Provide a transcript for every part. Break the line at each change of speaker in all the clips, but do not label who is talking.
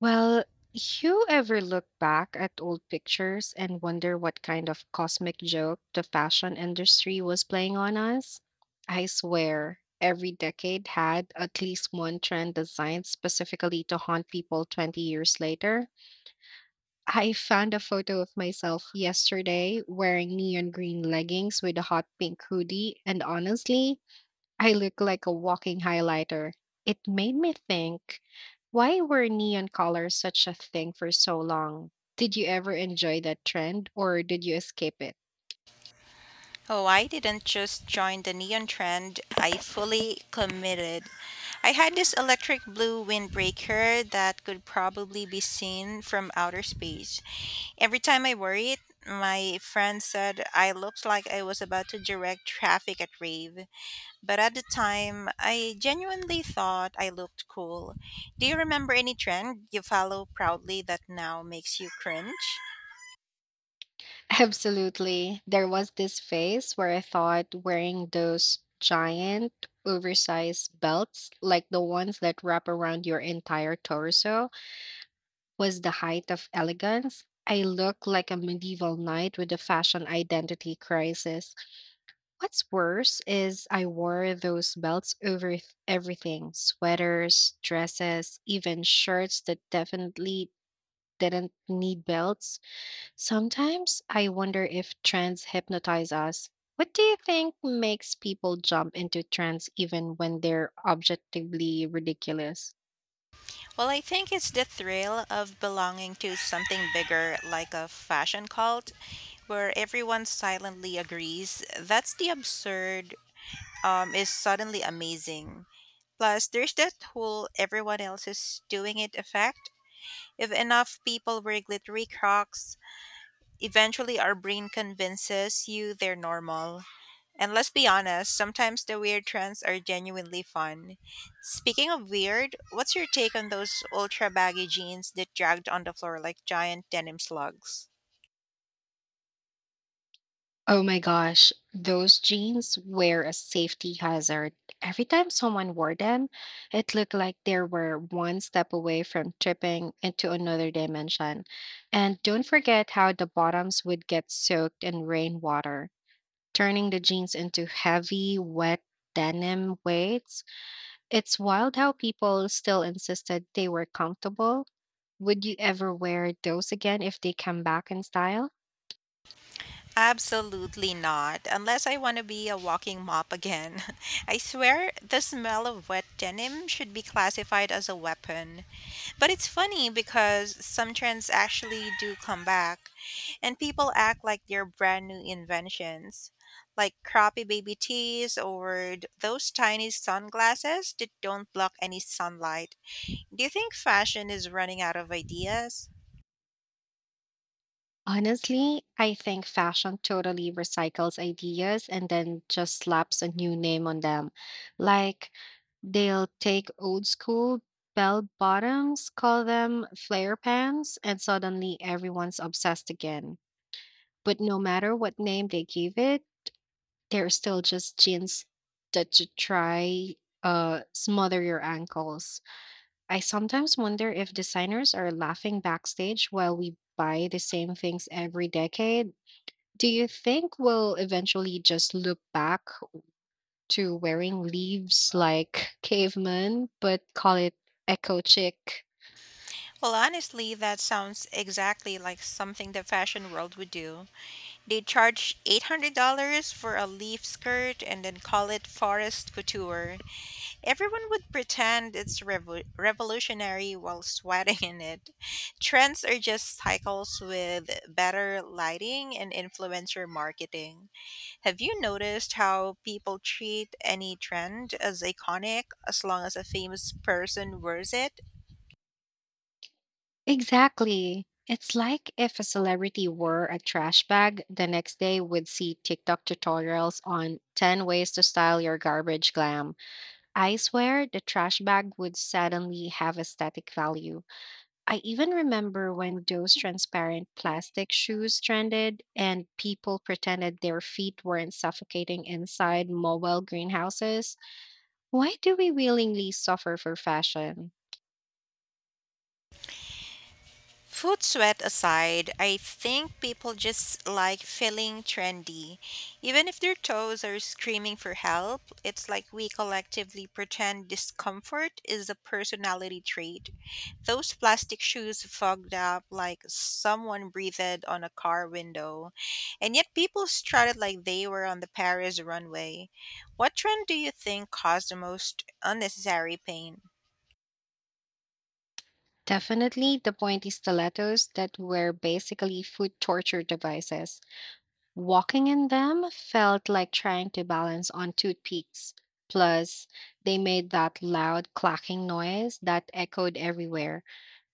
Well, you ever look back at old pictures and wonder what kind of cosmic joke the fashion industry was playing on us? I swear, every decade had at least one trend designed specifically to haunt people 20 years later. I found a photo of myself yesterday wearing neon green leggings with a hot pink hoodie, and honestly, I look like a walking highlighter. It made me think, why were neon colors such a thing for so long? Did you ever enjoy that trend or did you escape it?
Oh, I didn't just join the neon trend. I fully committed. I had this electric blue windbreaker that could probably be seen from outer space. Every time I wore it, my friend said I looked like I was about to direct traffic at rave. But at the time, I genuinely thought I looked cool. Do you remember any trend you follow proudly that now makes you cringe?
Absolutely. There was this phase where I thought wearing those giant, oversized belts, like the ones that wrap around your entire torso, was the height of elegance. I looked like a medieval knight with a fashion identity crisis. What's worse is I wore those belts over everything, sweaters, dresses, even shirts that definitely didn't need belts. Sometimes I wonder if trends hypnotize us. What do you think makes people jump into trends even when they're objectively ridiculous?
Well, I think it's the thrill of belonging to something bigger, like a fashion cult, where everyone silently agrees. That's the absurd is suddenly amazing. Plus, there's that whole everyone else is doing it effect. If enough people wear glittery crocs, eventually our brain convinces you they're normal. And let's be honest, sometimes the weird trends are genuinely fun. Speaking of weird, what's your take on those ultra baggy jeans that dragged on the floor like giant denim slugs?
Oh my gosh, those jeans were a safety hazard. Every time someone wore them, it looked like they were one step away from tripping into another dimension. And don't forget how the bottoms would get soaked in rainwater, turning the jeans into heavy, wet denim weights. It's wild how people still insisted they were comfortable. Would you ever wear those again if they come back in style?
Absolutely not, unless I want to be a walking mop again. I swear the smell of wet denim should be classified as a weapon. But it's funny because some trends actually do come back, and people act like they're brand new inventions, like crappy baby tees or those tiny sunglasses that don't block any sunlight. Do you think fashion is running out of ideas?
Honestly, I think fashion totally recycles ideas and then just slaps a new name on them. Like, they'll take old school bell bottoms, call them flare pants, and suddenly everyone's obsessed again. But no matter what name they give it, they're still just jeans that you try smother your ankles. I sometimes wonder if designers are laughing backstage while we buy the same things every decade. Do you think we'll eventually just look back to wearing leaves like cavemen, but call it eco chic?
Well, honestly, that sounds exactly like something the fashion world would do. They charge $800 for a leaf skirt and then call it forest couture. Everyone would pretend it's revolutionary while sweating in it. Trends are just cycles with better lighting and influencer marketing. Have you noticed how people treat any trend as iconic as long as a famous person wears it?
Exactly. It's like if a celebrity wore a trash bag, the next day would see TikTok tutorials on 10 ways to style your garbage glam. I swear the trash bag would suddenly have aesthetic value. I even remember when those transparent plastic shoes trended and people pretended their feet weren't suffocating inside mobile greenhouses. Why do we willingly suffer for fashion?
Food sweat aside, I think people just like feeling trendy. Even if their toes are screaming for help, it's like we collectively pretend discomfort is a personality trait. Those plastic shoes fogged up like someone breathed on a car window, and yet people strutted like they were on the Paris runway. What trend do you think caused the most unnecessary pain?
Definitely the pointy stilettos that were basically foot torture devices. Walking in them felt like trying to balance on toothpicks. Plus, they made that loud clacking noise that echoed everywhere.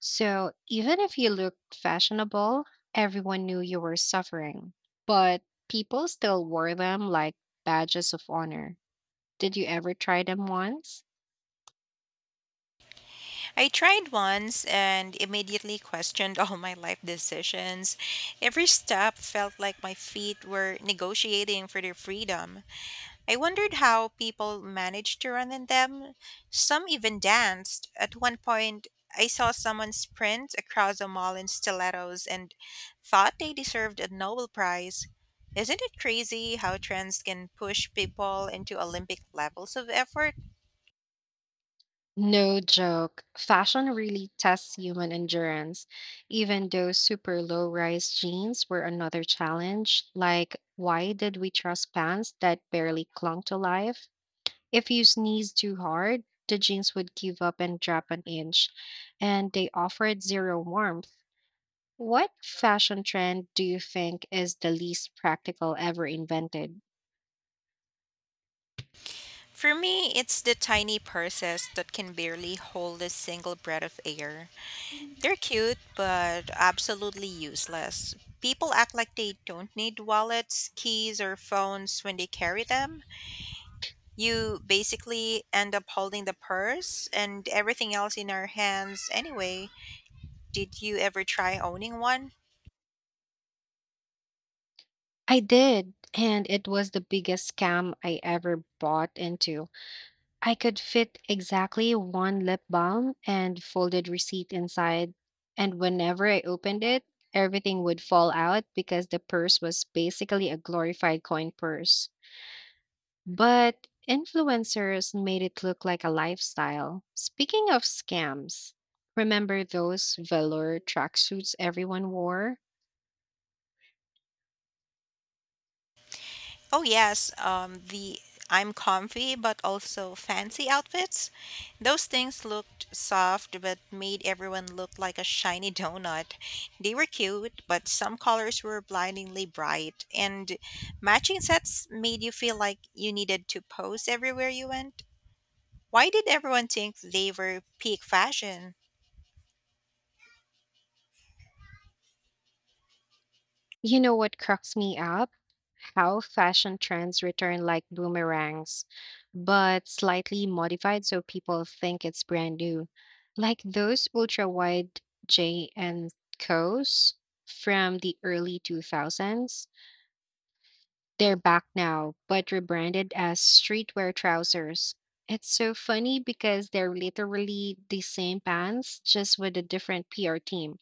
So, even if you looked fashionable, everyone knew you were suffering. But people still wore them like badges of honor. Did you ever try them once?
I tried once and immediately questioned all my life decisions. Every step felt like my feet were negotiating for their freedom. I wondered how people managed to run in them. Some even danced. At one point, I saw someone sprint across a mall in stilettos and thought they deserved a Nobel Prize. Isn't it crazy how trends can push people into Olympic levels of effort?
No joke. Fashion really tests human endurance. Even those super low rise jeans were another challenge. Like, why did we trust pants that barely clung to life? If you sneezed too hard, the jeans would give up and drop an inch, and they offered zero warmth. What fashion trend do you think is the least practical ever invented?
For me, it's the tiny purses that can barely hold a single breath of air. They're cute, but absolutely useless. People act like they don't need wallets, keys, or phones when they carry them. You basically end up holding the purse and everything else in our hands anyway. Did you ever try owning one?
I did, and it was the biggest scam I ever bought into. I could fit exactly one lip balm and folded receipt inside, and whenever I opened it, everything would fall out because the purse was basically a glorified coin purse. But influencers made it look like a lifestyle. Speaking of scams, remember those velour tracksuits everyone wore?
Oh yes, the I'm comfy but also fancy outfits. Those things looked soft but made everyone look like a shiny donut. They were cute, but some colors were blindingly bright, and matching sets made you feel like you needed to pose everywhere you went. Why did everyone think they were peak fashion?
You know what cracks me up? How fashion trends return like boomerangs, but slightly modified so people think it's brand new. Like those ultra wide J and Co's from the early 2000s. They're back now, but rebranded as streetwear trousers. It's so funny because they're literally the same pants, just with a different PR team.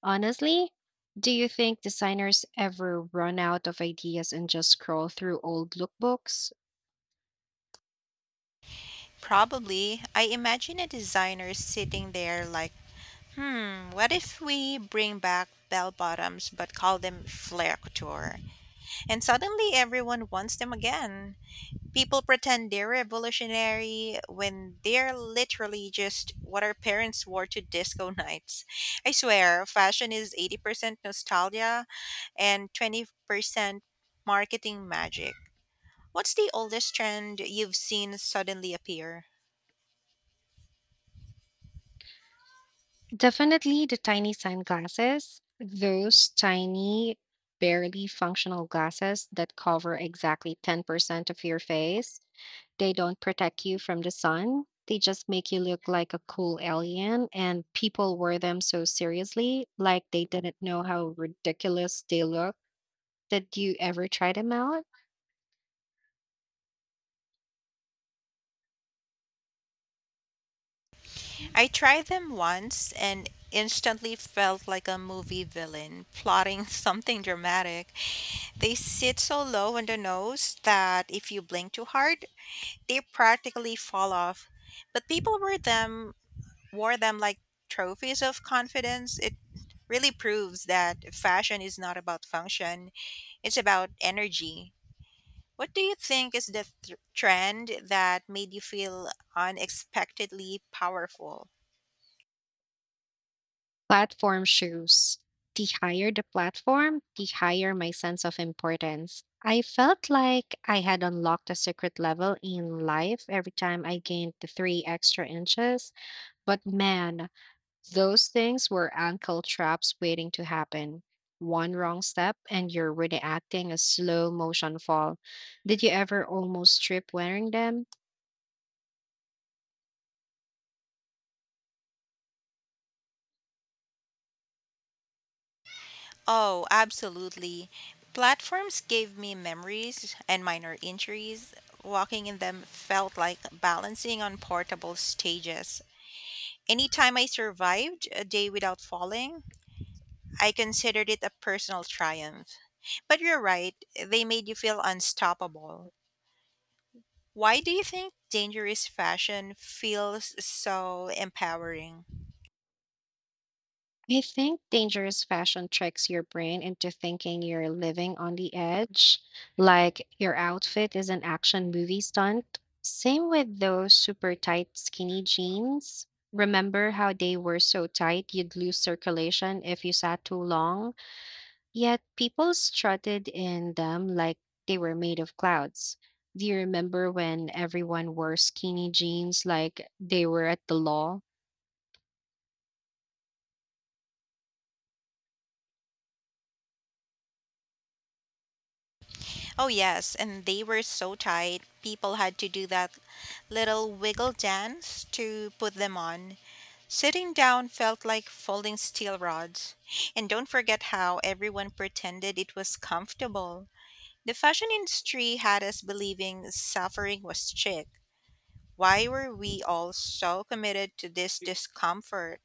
Honestly, do you think designers ever run out of ideas and just scroll through old lookbooks?
Probably, I imagine a designer sitting there like, hmm, what if we bring back bell bottoms but call them flare couture? And suddenly everyone wants them again. People pretend they're revolutionary when they're literally just what our parents wore to disco nights. I swear, fashion is 80% nostalgia and 20% marketing magic. What's the oldest trend you've seen suddenly appear?
Definitely the tiny sunglasses, those tiny, barely functional glasses that cover exactly 10% of your face. They don't protect you from the sun. They just make you look like a cool alien, and people wear them so seriously, like they didn't know how ridiculous they look. Did you ever try them out?
I tried them once and instantly felt like a movie villain plotting something dramatic. They sit so low on the nose that if you blink too hard, they practically fall off. But people wear them wore them like trophies of confidence. It really proves that fashion is not about function, it's about energy. What do you think is the trend that made you feel unexpectedly powerful?
Platform shoes. The higher the platform, the higher my sense of importance. I felt like I had unlocked a secret level in life every time I gained the three extra inches. But man, those things were ankle traps waiting to happen. One wrong step, and you're really acting a slow motion fall. Did you ever almost trip wearing them?
Oh, absolutely. Platforms gave me memories and minor injuries. Walking in them felt like balancing on portable stages. Anytime I survived a day without falling, I considered it a personal triumph. But you're right, they made you feel unstoppable. Why do you think dangerous fashion feels so empowering?
I think dangerous fashion tricks your brain into thinking you're living on the edge, like your outfit is an action movie stunt. Same with those super tight skinny jeans. Remember how they were so tight you'd lose circulation if you sat too long? Yet people strutted in them like they were made of clouds. Do you remember when everyone wore skinny jeans like they were at the law?
Oh, yes, and they were so tight, people had to do that little wiggle dance to put them on. Sitting down felt like folding steel rods. And don't forget how everyone pretended it was comfortable. The fashion industry had us believing suffering was chic. Why were we all so committed to this discomfort?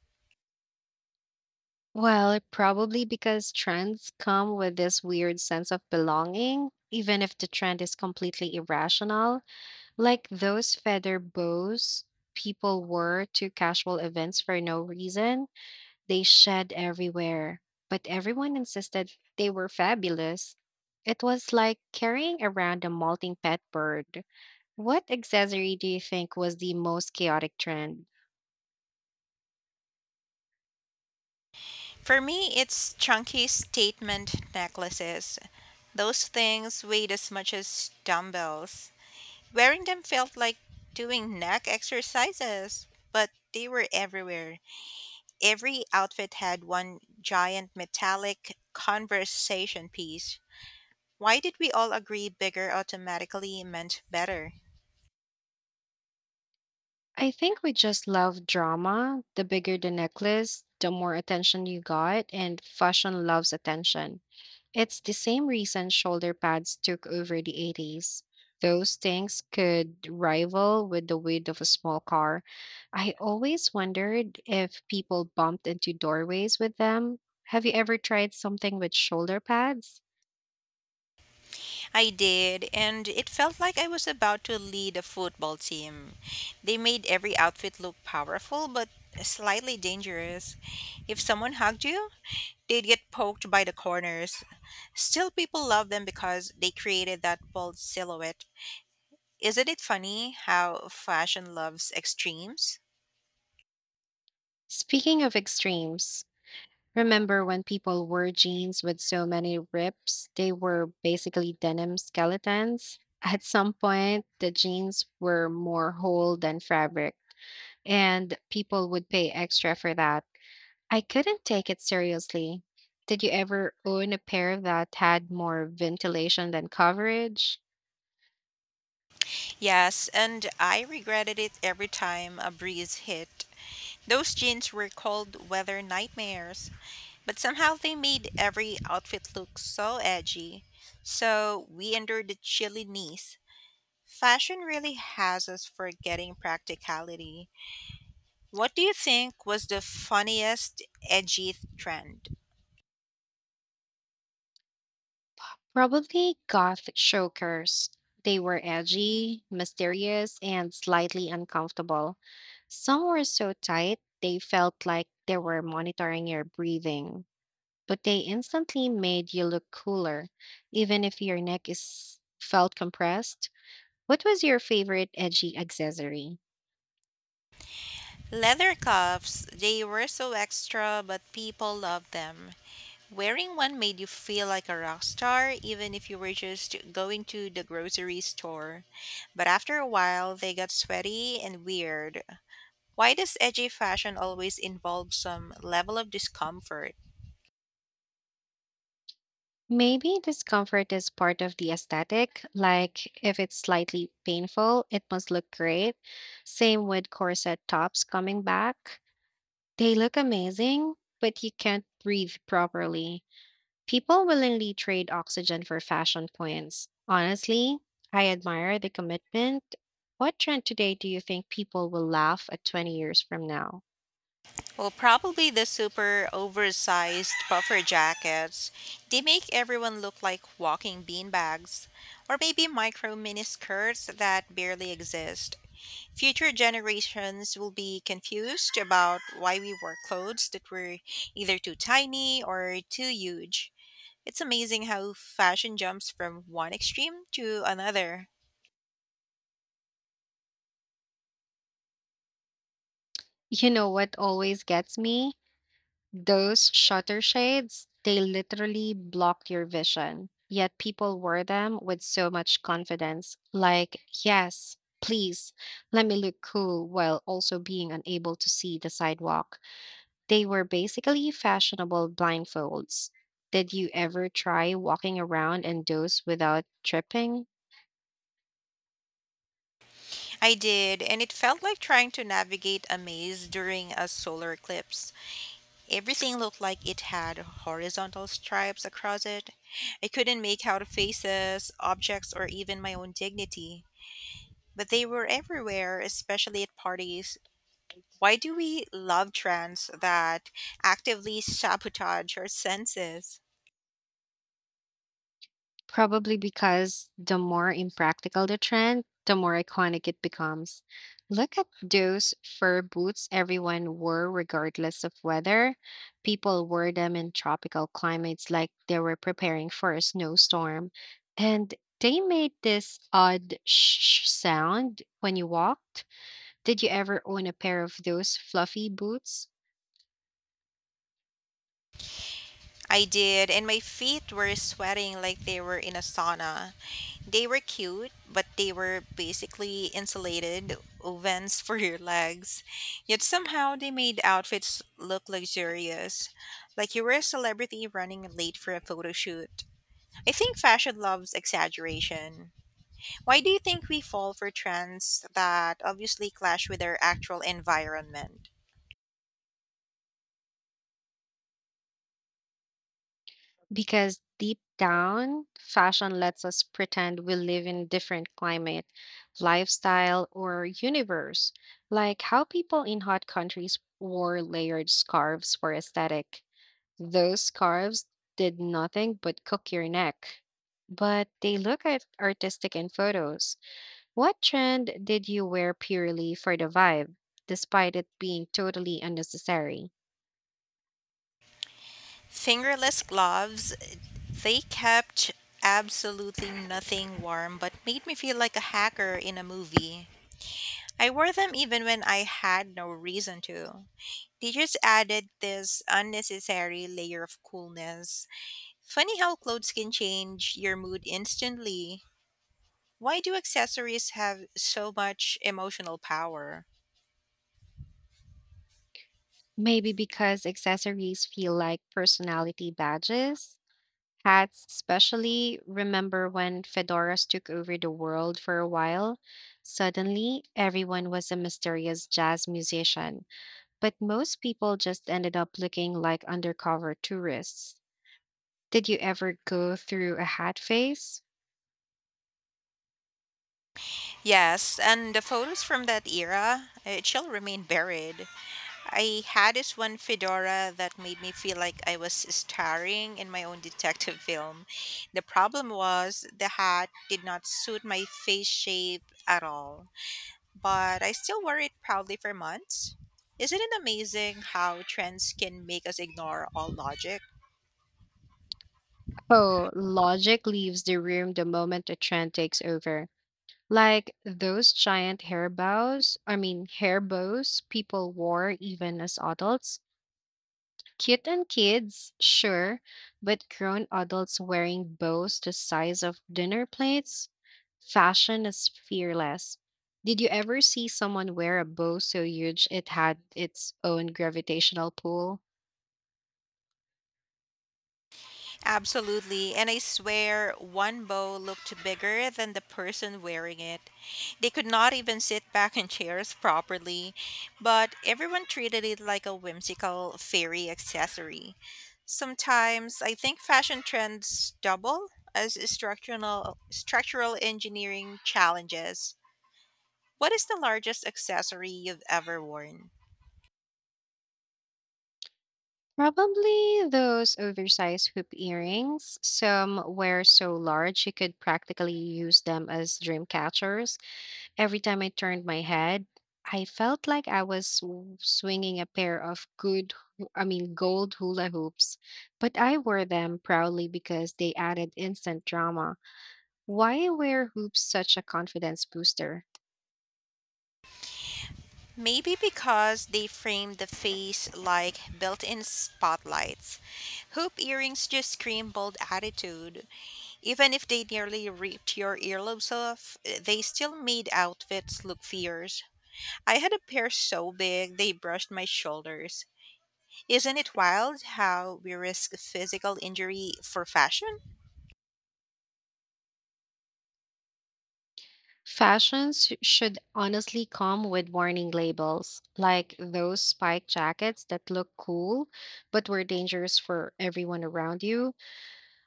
Well, probably because trends come with this weird sense of belonging, even if the trend is completely irrational, like those feather bows people wore to casual events for no reason. They shed everywhere, but everyone insisted they were fabulous. It was like carrying around a molting pet bird. What accessory do you think was the most chaotic trend?
For me, it's chunky statement necklaces. Those things weighed as much as dumbbells. Wearing them felt like doing neck exercises, but they were everywhere. Every outfit had one giant metallic conversation piece. Why did we all agree bigger automatically meant better?
I think we just love drama. The bigger the necklace, the more attention you got, and fashion loves attention. It's the same reason shoulder pads took over the 80s. Those things could rival with the weight of a small car. I always wondered if people bumped into doorways with them. Have you ever tried something with shoulder pads?
I did, and it felt like I was about to lead a football team. They made every outfit look powerful but slightly dangerous. If someone hugged you, they'd get poked by the corners. Still, people love them because they created that bold silhouette. Isn't it funny how fashion loves extremes?
Speaking of extremes, remember when people wore jeans with so many rips? They were basically denim skeletons. At some point, the jeans were more whole than fabric, and people would pay extra for that. I couldn't take it seriously. Did you ever own a pair that had more ventilation than coverage?
Yes, and I regretted it every time a breeze hit. Those jeans were cold weather nightmares, but somehow they made every outfit look so edgy. So we endured the chilly knees. Fashion really has us forgetting practicality. What do you think was the funniest edgy trend?
Probably goth chokers. They were edgy, mysterious, and slightly uncomfortable. Some were so tight they felt like they were monitoring your breathing, but they instantly made you look cooler, even if your neck is felt compressed. What was your favorite edgy accessory?
Leather cuffs, they were so extra, but people loved them. Wearing one made you feel like a rock star, even if you were just going to the grocery store. But after a while, they got sweaty and weird. Why does edgy fashion always involve some level of discomfort?
Maybe discomfort is part of the aesthetic, like if it's slightly painful, it must look great. Same with corset tops coming back. They look amazing, but you can't breathe properly. People willingly trade oxygen for fashion points. Honestly, I admire the commitment. What trend today do you think people will laugh at 20 years from now?
Well, probably the super oversized puffer jackets. They make everyone look like walking beanbags, or maybe micro mini skirts that barely exist. Future generations will be confused about why we wore clothes that were either too tiny or too huge. It's amazing how fashion jumps from one extreme to another.
You know what always gets me? Those shutter shades, they literally block your vision. Yet people wear them with so much confidence. Like, yes, please, let me look cool while also being unable to see the sidewalk. They were basically fashionable blindfolds. Did you ever try walking around in those without tripping?
I did, and it felt like trying to navigate a maze during a solar eclipse. Everything looked like it had horizontal stripes across it. I couldn't make out faces, objects, or even my own dignity, but they were everywhere, especially at parties. Why do we love trends that actively sabotage our senses?
Probably because the more impractical the trend, the more iconic it becomes. Look at those fur boots everyone wore, regardless of weather. People wore them in tropical climates like they were preparing for a snowstorm. And they made this odd sound when you walked. Did you ever own a pair of those fluffy boots?
I did, and my feet were sweating like they were in a sauna. They were cute, but they were basically insulated ovens for your legs. Yet somehow they made outfits look luxurious, like you were a celebrity running late for a photo shoot. I think fashion loves exaggeration. Why do you think we fall for trends that obviously clash with our actual environment?
Because deep down, fashion lets us pretend we live in a different climate, lifestyle, or universe, like how people in hot countries wore layered scarves for aesthetic. Those scarves did nothing but cook your neck, but they look at artistic in photos. What trend did you wear purely for the vibe, despite it being totally unnecessary?
Fingerless gloves, they kept absolutely nothing warm but made me feel like a hacker in a movie. I wore them even when I had no reason to. They just added this unnecessary layer of coolness. Funny how clothes can change your mood instantly. Why do accessories have so much emotional power?
Maybe because accessories feel like personality badges. Hats, especially, remember when fedoras took over the world for a while? Suddenly, everyone was a mysterious jazz musician, but most people just ended up looking like undercover tourists. Did you ever go through a hat phase?
Yes, and the photos from that era, it shall remain buried. I had this one fedora that made me feel like I was starring in my own detective film. The problem was the hat did not suit my face shape at all, but I still wore it proudly for months. Isn't it amazing how trends can make us ignore all logic?
Oh, logic leaves the room the moment a trend takes over. Like those giant hair bows people wore even as adults. Cute and kids, sure, but grown adults wearing bows the size of dinner plates? Fashion is fearless. Did you ever see someone wear a bow so huge it had its own gravitational pull?
Absolutely. And I swear one bow looked bigger than the person wearing it. They could not even sit back in chairs properly, but everyone treated it like a whimsical fairy accessory. Sometimes I think fashion trends double as structural engineering challenges. What is the largest accessory you've ever worn?
Probably those oversized hoop earrings. Some were so large you could practically use them as dream catchers. Every time I turned my head, I felt like I was swinging a pair of good, hu- I mean, gold hula hoops. But I wore them proudly because they added instant drama. Why were hoops such a confidence booster?
Maybe because they frame the face like built in spotlights. Hoop earrings just scream bold attitude. Even if they nearly ripped your earlobes off, they still made outfits look fierce. I had a pair so big they brushed my shoulders. Isn't it wild how we risk physical injury for fashion?
Fashions should honestly come with warning labels, like those spike jackets that look cool but were dangerous for everyone around you.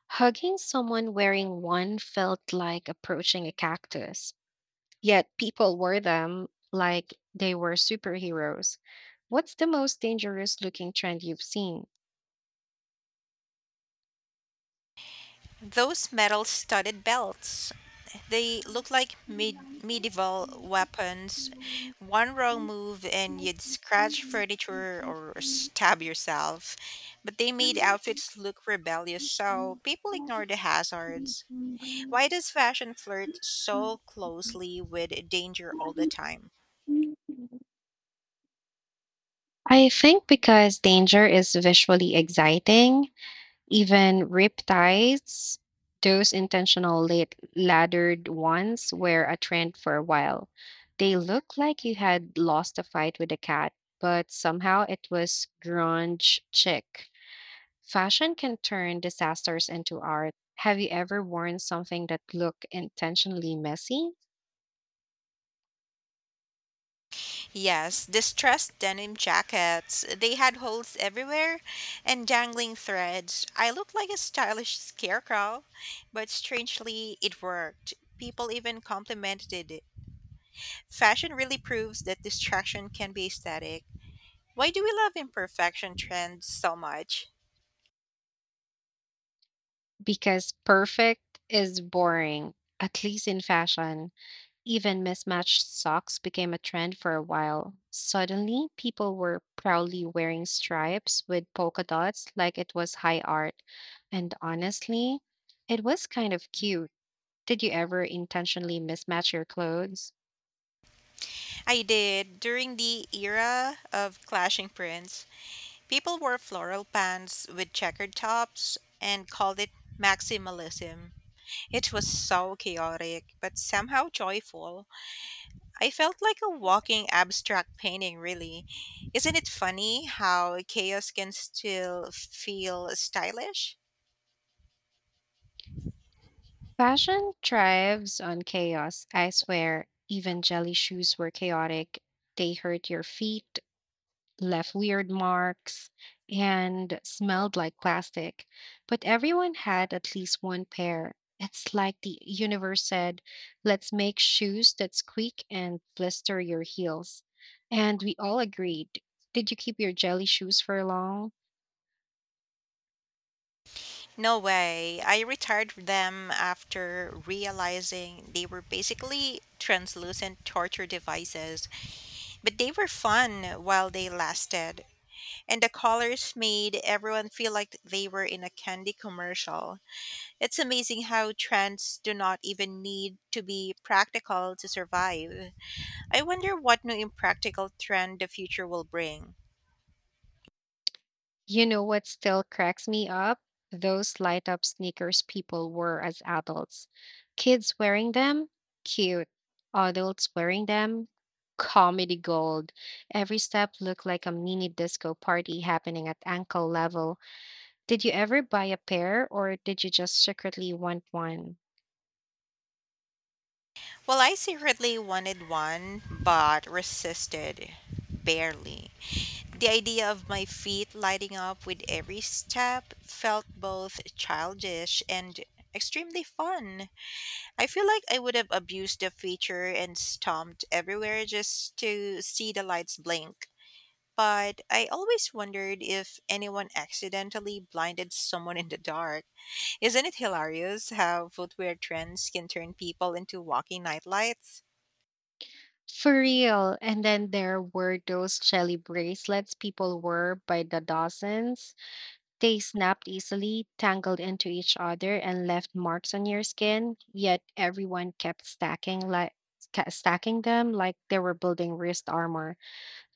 Hugging someone wearing one felt like approaching a cactus. Yet people wore them like they were superheroes. What's the most dangerous looking trend you've seen?
Those metal studded belts, they look like medieval weapons. One wrong move and you'd scratch furniture or stab yourself. But they made outfits look rebellious, so people ignore the hazards. Why does fashion flirt so closely with danger all the time?
I think because danger is visually exciting. Even riptides, those intentional late laddered ones, were a trend for a while. They looked like you had lost a fight with a cat, but somehow it was grunge chic. Fashion can turn disasters into art. Have you ever worn something that looked intentionally messy?
Yes, distressed denim jackets. They had holes everywhere and dangling threads. I looked like a stylish scarecrow, but strangely, it worked. People even complimented it. Fashion really proves that distraction can be aesthetic. Why do we love imperfection trends so much?
Because perfect is boring, at least in fashion. Even mismatched socks became a trend for a while. Suddenly, people were proudly wearing stripes with polka dots like it was high art. And honestly, it was kind of cute. Did you ever intentionally mismatch your clothes?
I did. During the era of clashing prints, people wore floral pants with checkered tops and called it maximalism. It was so chaotic, but somehow joyful. I felt like a walking abstract painting, really. Isn't it funny how chaos can still feel stylish?
Fashion thrives on chaos, I swear. Even jelly shoes were chaotic. They hurt your feet, left weird marks, and smelled like plastic. But everyone had at least one pair. It's like the universe said, let's make shoes that squeak and blister your heels. And we all agreed. Did you keep your jelly shoes for long?
No way. I retired them after realizing they were basically translucent torture devices, but they were fun while they lasted. And the colors made everyone feel like they were in a candy commercial. It's amazing how trends do not even need to be practical to survive. I wonder what new impractical trend the future will bring.
You know what still cracks me up? Those light up sneakers people wore as adults. Kids wearing them? Cute. Adults wearing them? Comedy gold. Every step looked like a mini disco party happening at ankle level. Did you ever buy a pair or did you just secretly want one?
Well, I secretly wanted one, but resisted. Barely. The idea of my feet lighting up with every step felt both childish and extremely fun. I feel like I would have abused the feature and stomped everywhere just to see the lights blink. But I always wondered if anyone accidentally blinded someone in the dark. Isn't it hilarious how footwear trends can turn people into walking nightlights?
For real. And then there were those jelly bracelets people wore by the dozens. They snapped easily, tangled into each other, and left marks on your skin. Yet everyone kept stacking, like stacking them like they were building wrist armor.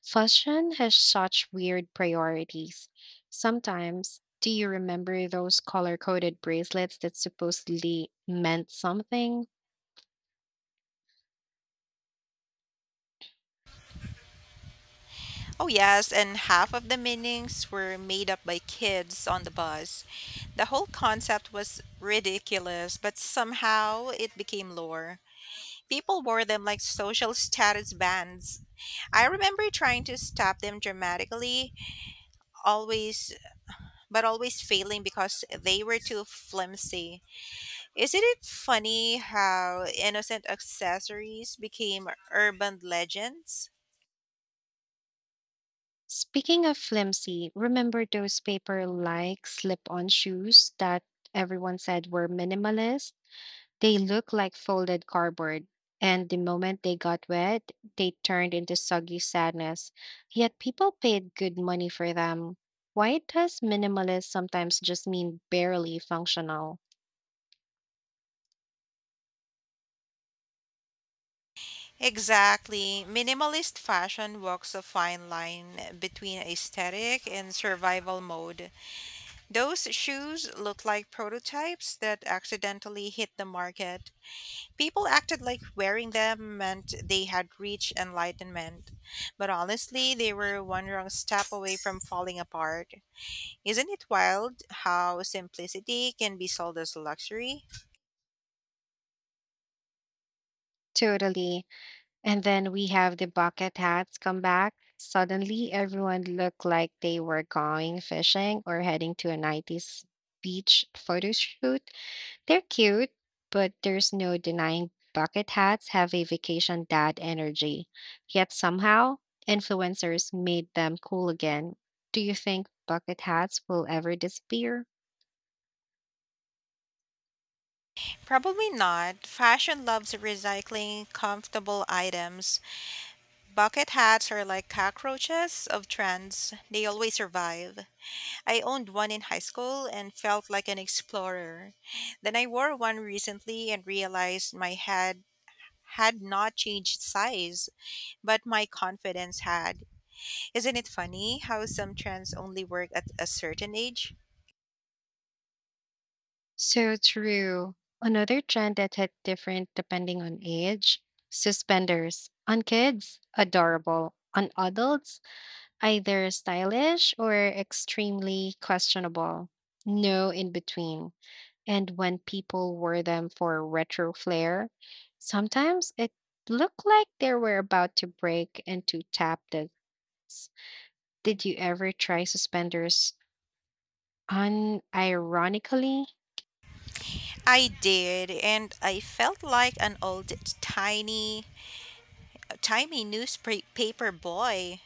Fashion has such weird priorities. Sometimes, do you remember those color-coded bracelets that supposedly meant something?
Oh, yes, and half of the meanings were made up by kids on the bus. The whole concept was ridiculous, but somehow it became lore. People wore them like social status bands. I remember trying to stop them dramatically, always but always failing because they were too flimsy. Isn't it funny how innocent accessories became urban legends?
Speaking of flimsy, remember those paper-like slip-on shoes that everyone said were minimalist? They looked like folded cardboard, and the moment they got wet, they turned into soggy sadness. Yet people paid good money for them. Why does minimalist sometimes just mean barely functional?
Exactly. Minimalist fashion walks a fine line between aesthetic and survival mode. Those shoes look like prototypes that accidentally hit the market. People acted like wearing them meant they had reached enlightenment, but honestly, they were one wrong step away from falling apart. Isn't it wild how simplicity can be sold as luxury?
Totally. And then we have the bucket hats come back. Suddenly, everyone looked like they were going fishing or heading to a 90s beach photo shoot. They're cute, but there's no denying bucket hats have a vacation dad energy. Yet somehow, influencers made them cool again. Do you think bucket hats will ever disappear?
Probably not. Fashion loves recycling comfortable items. Bucket hats are like cockroaches of trends, they always survive. I owned one in high school and felt like an explorer. Then I wore one recently and realized my head had not changed size, but my confidence had. Isn't it funny how some trends only work at a certain age?
So true. Another trend that hit different depending on age, suspenders. On kids, adorable. On adults, either stylish or extremely questionable. No in between. And when people wore them for retro flair, sometimes it looked like they were about to break into tap dance. Did you ever try suspenders unironically?
I did, and I felt like an old tiny, timey newspaper boy.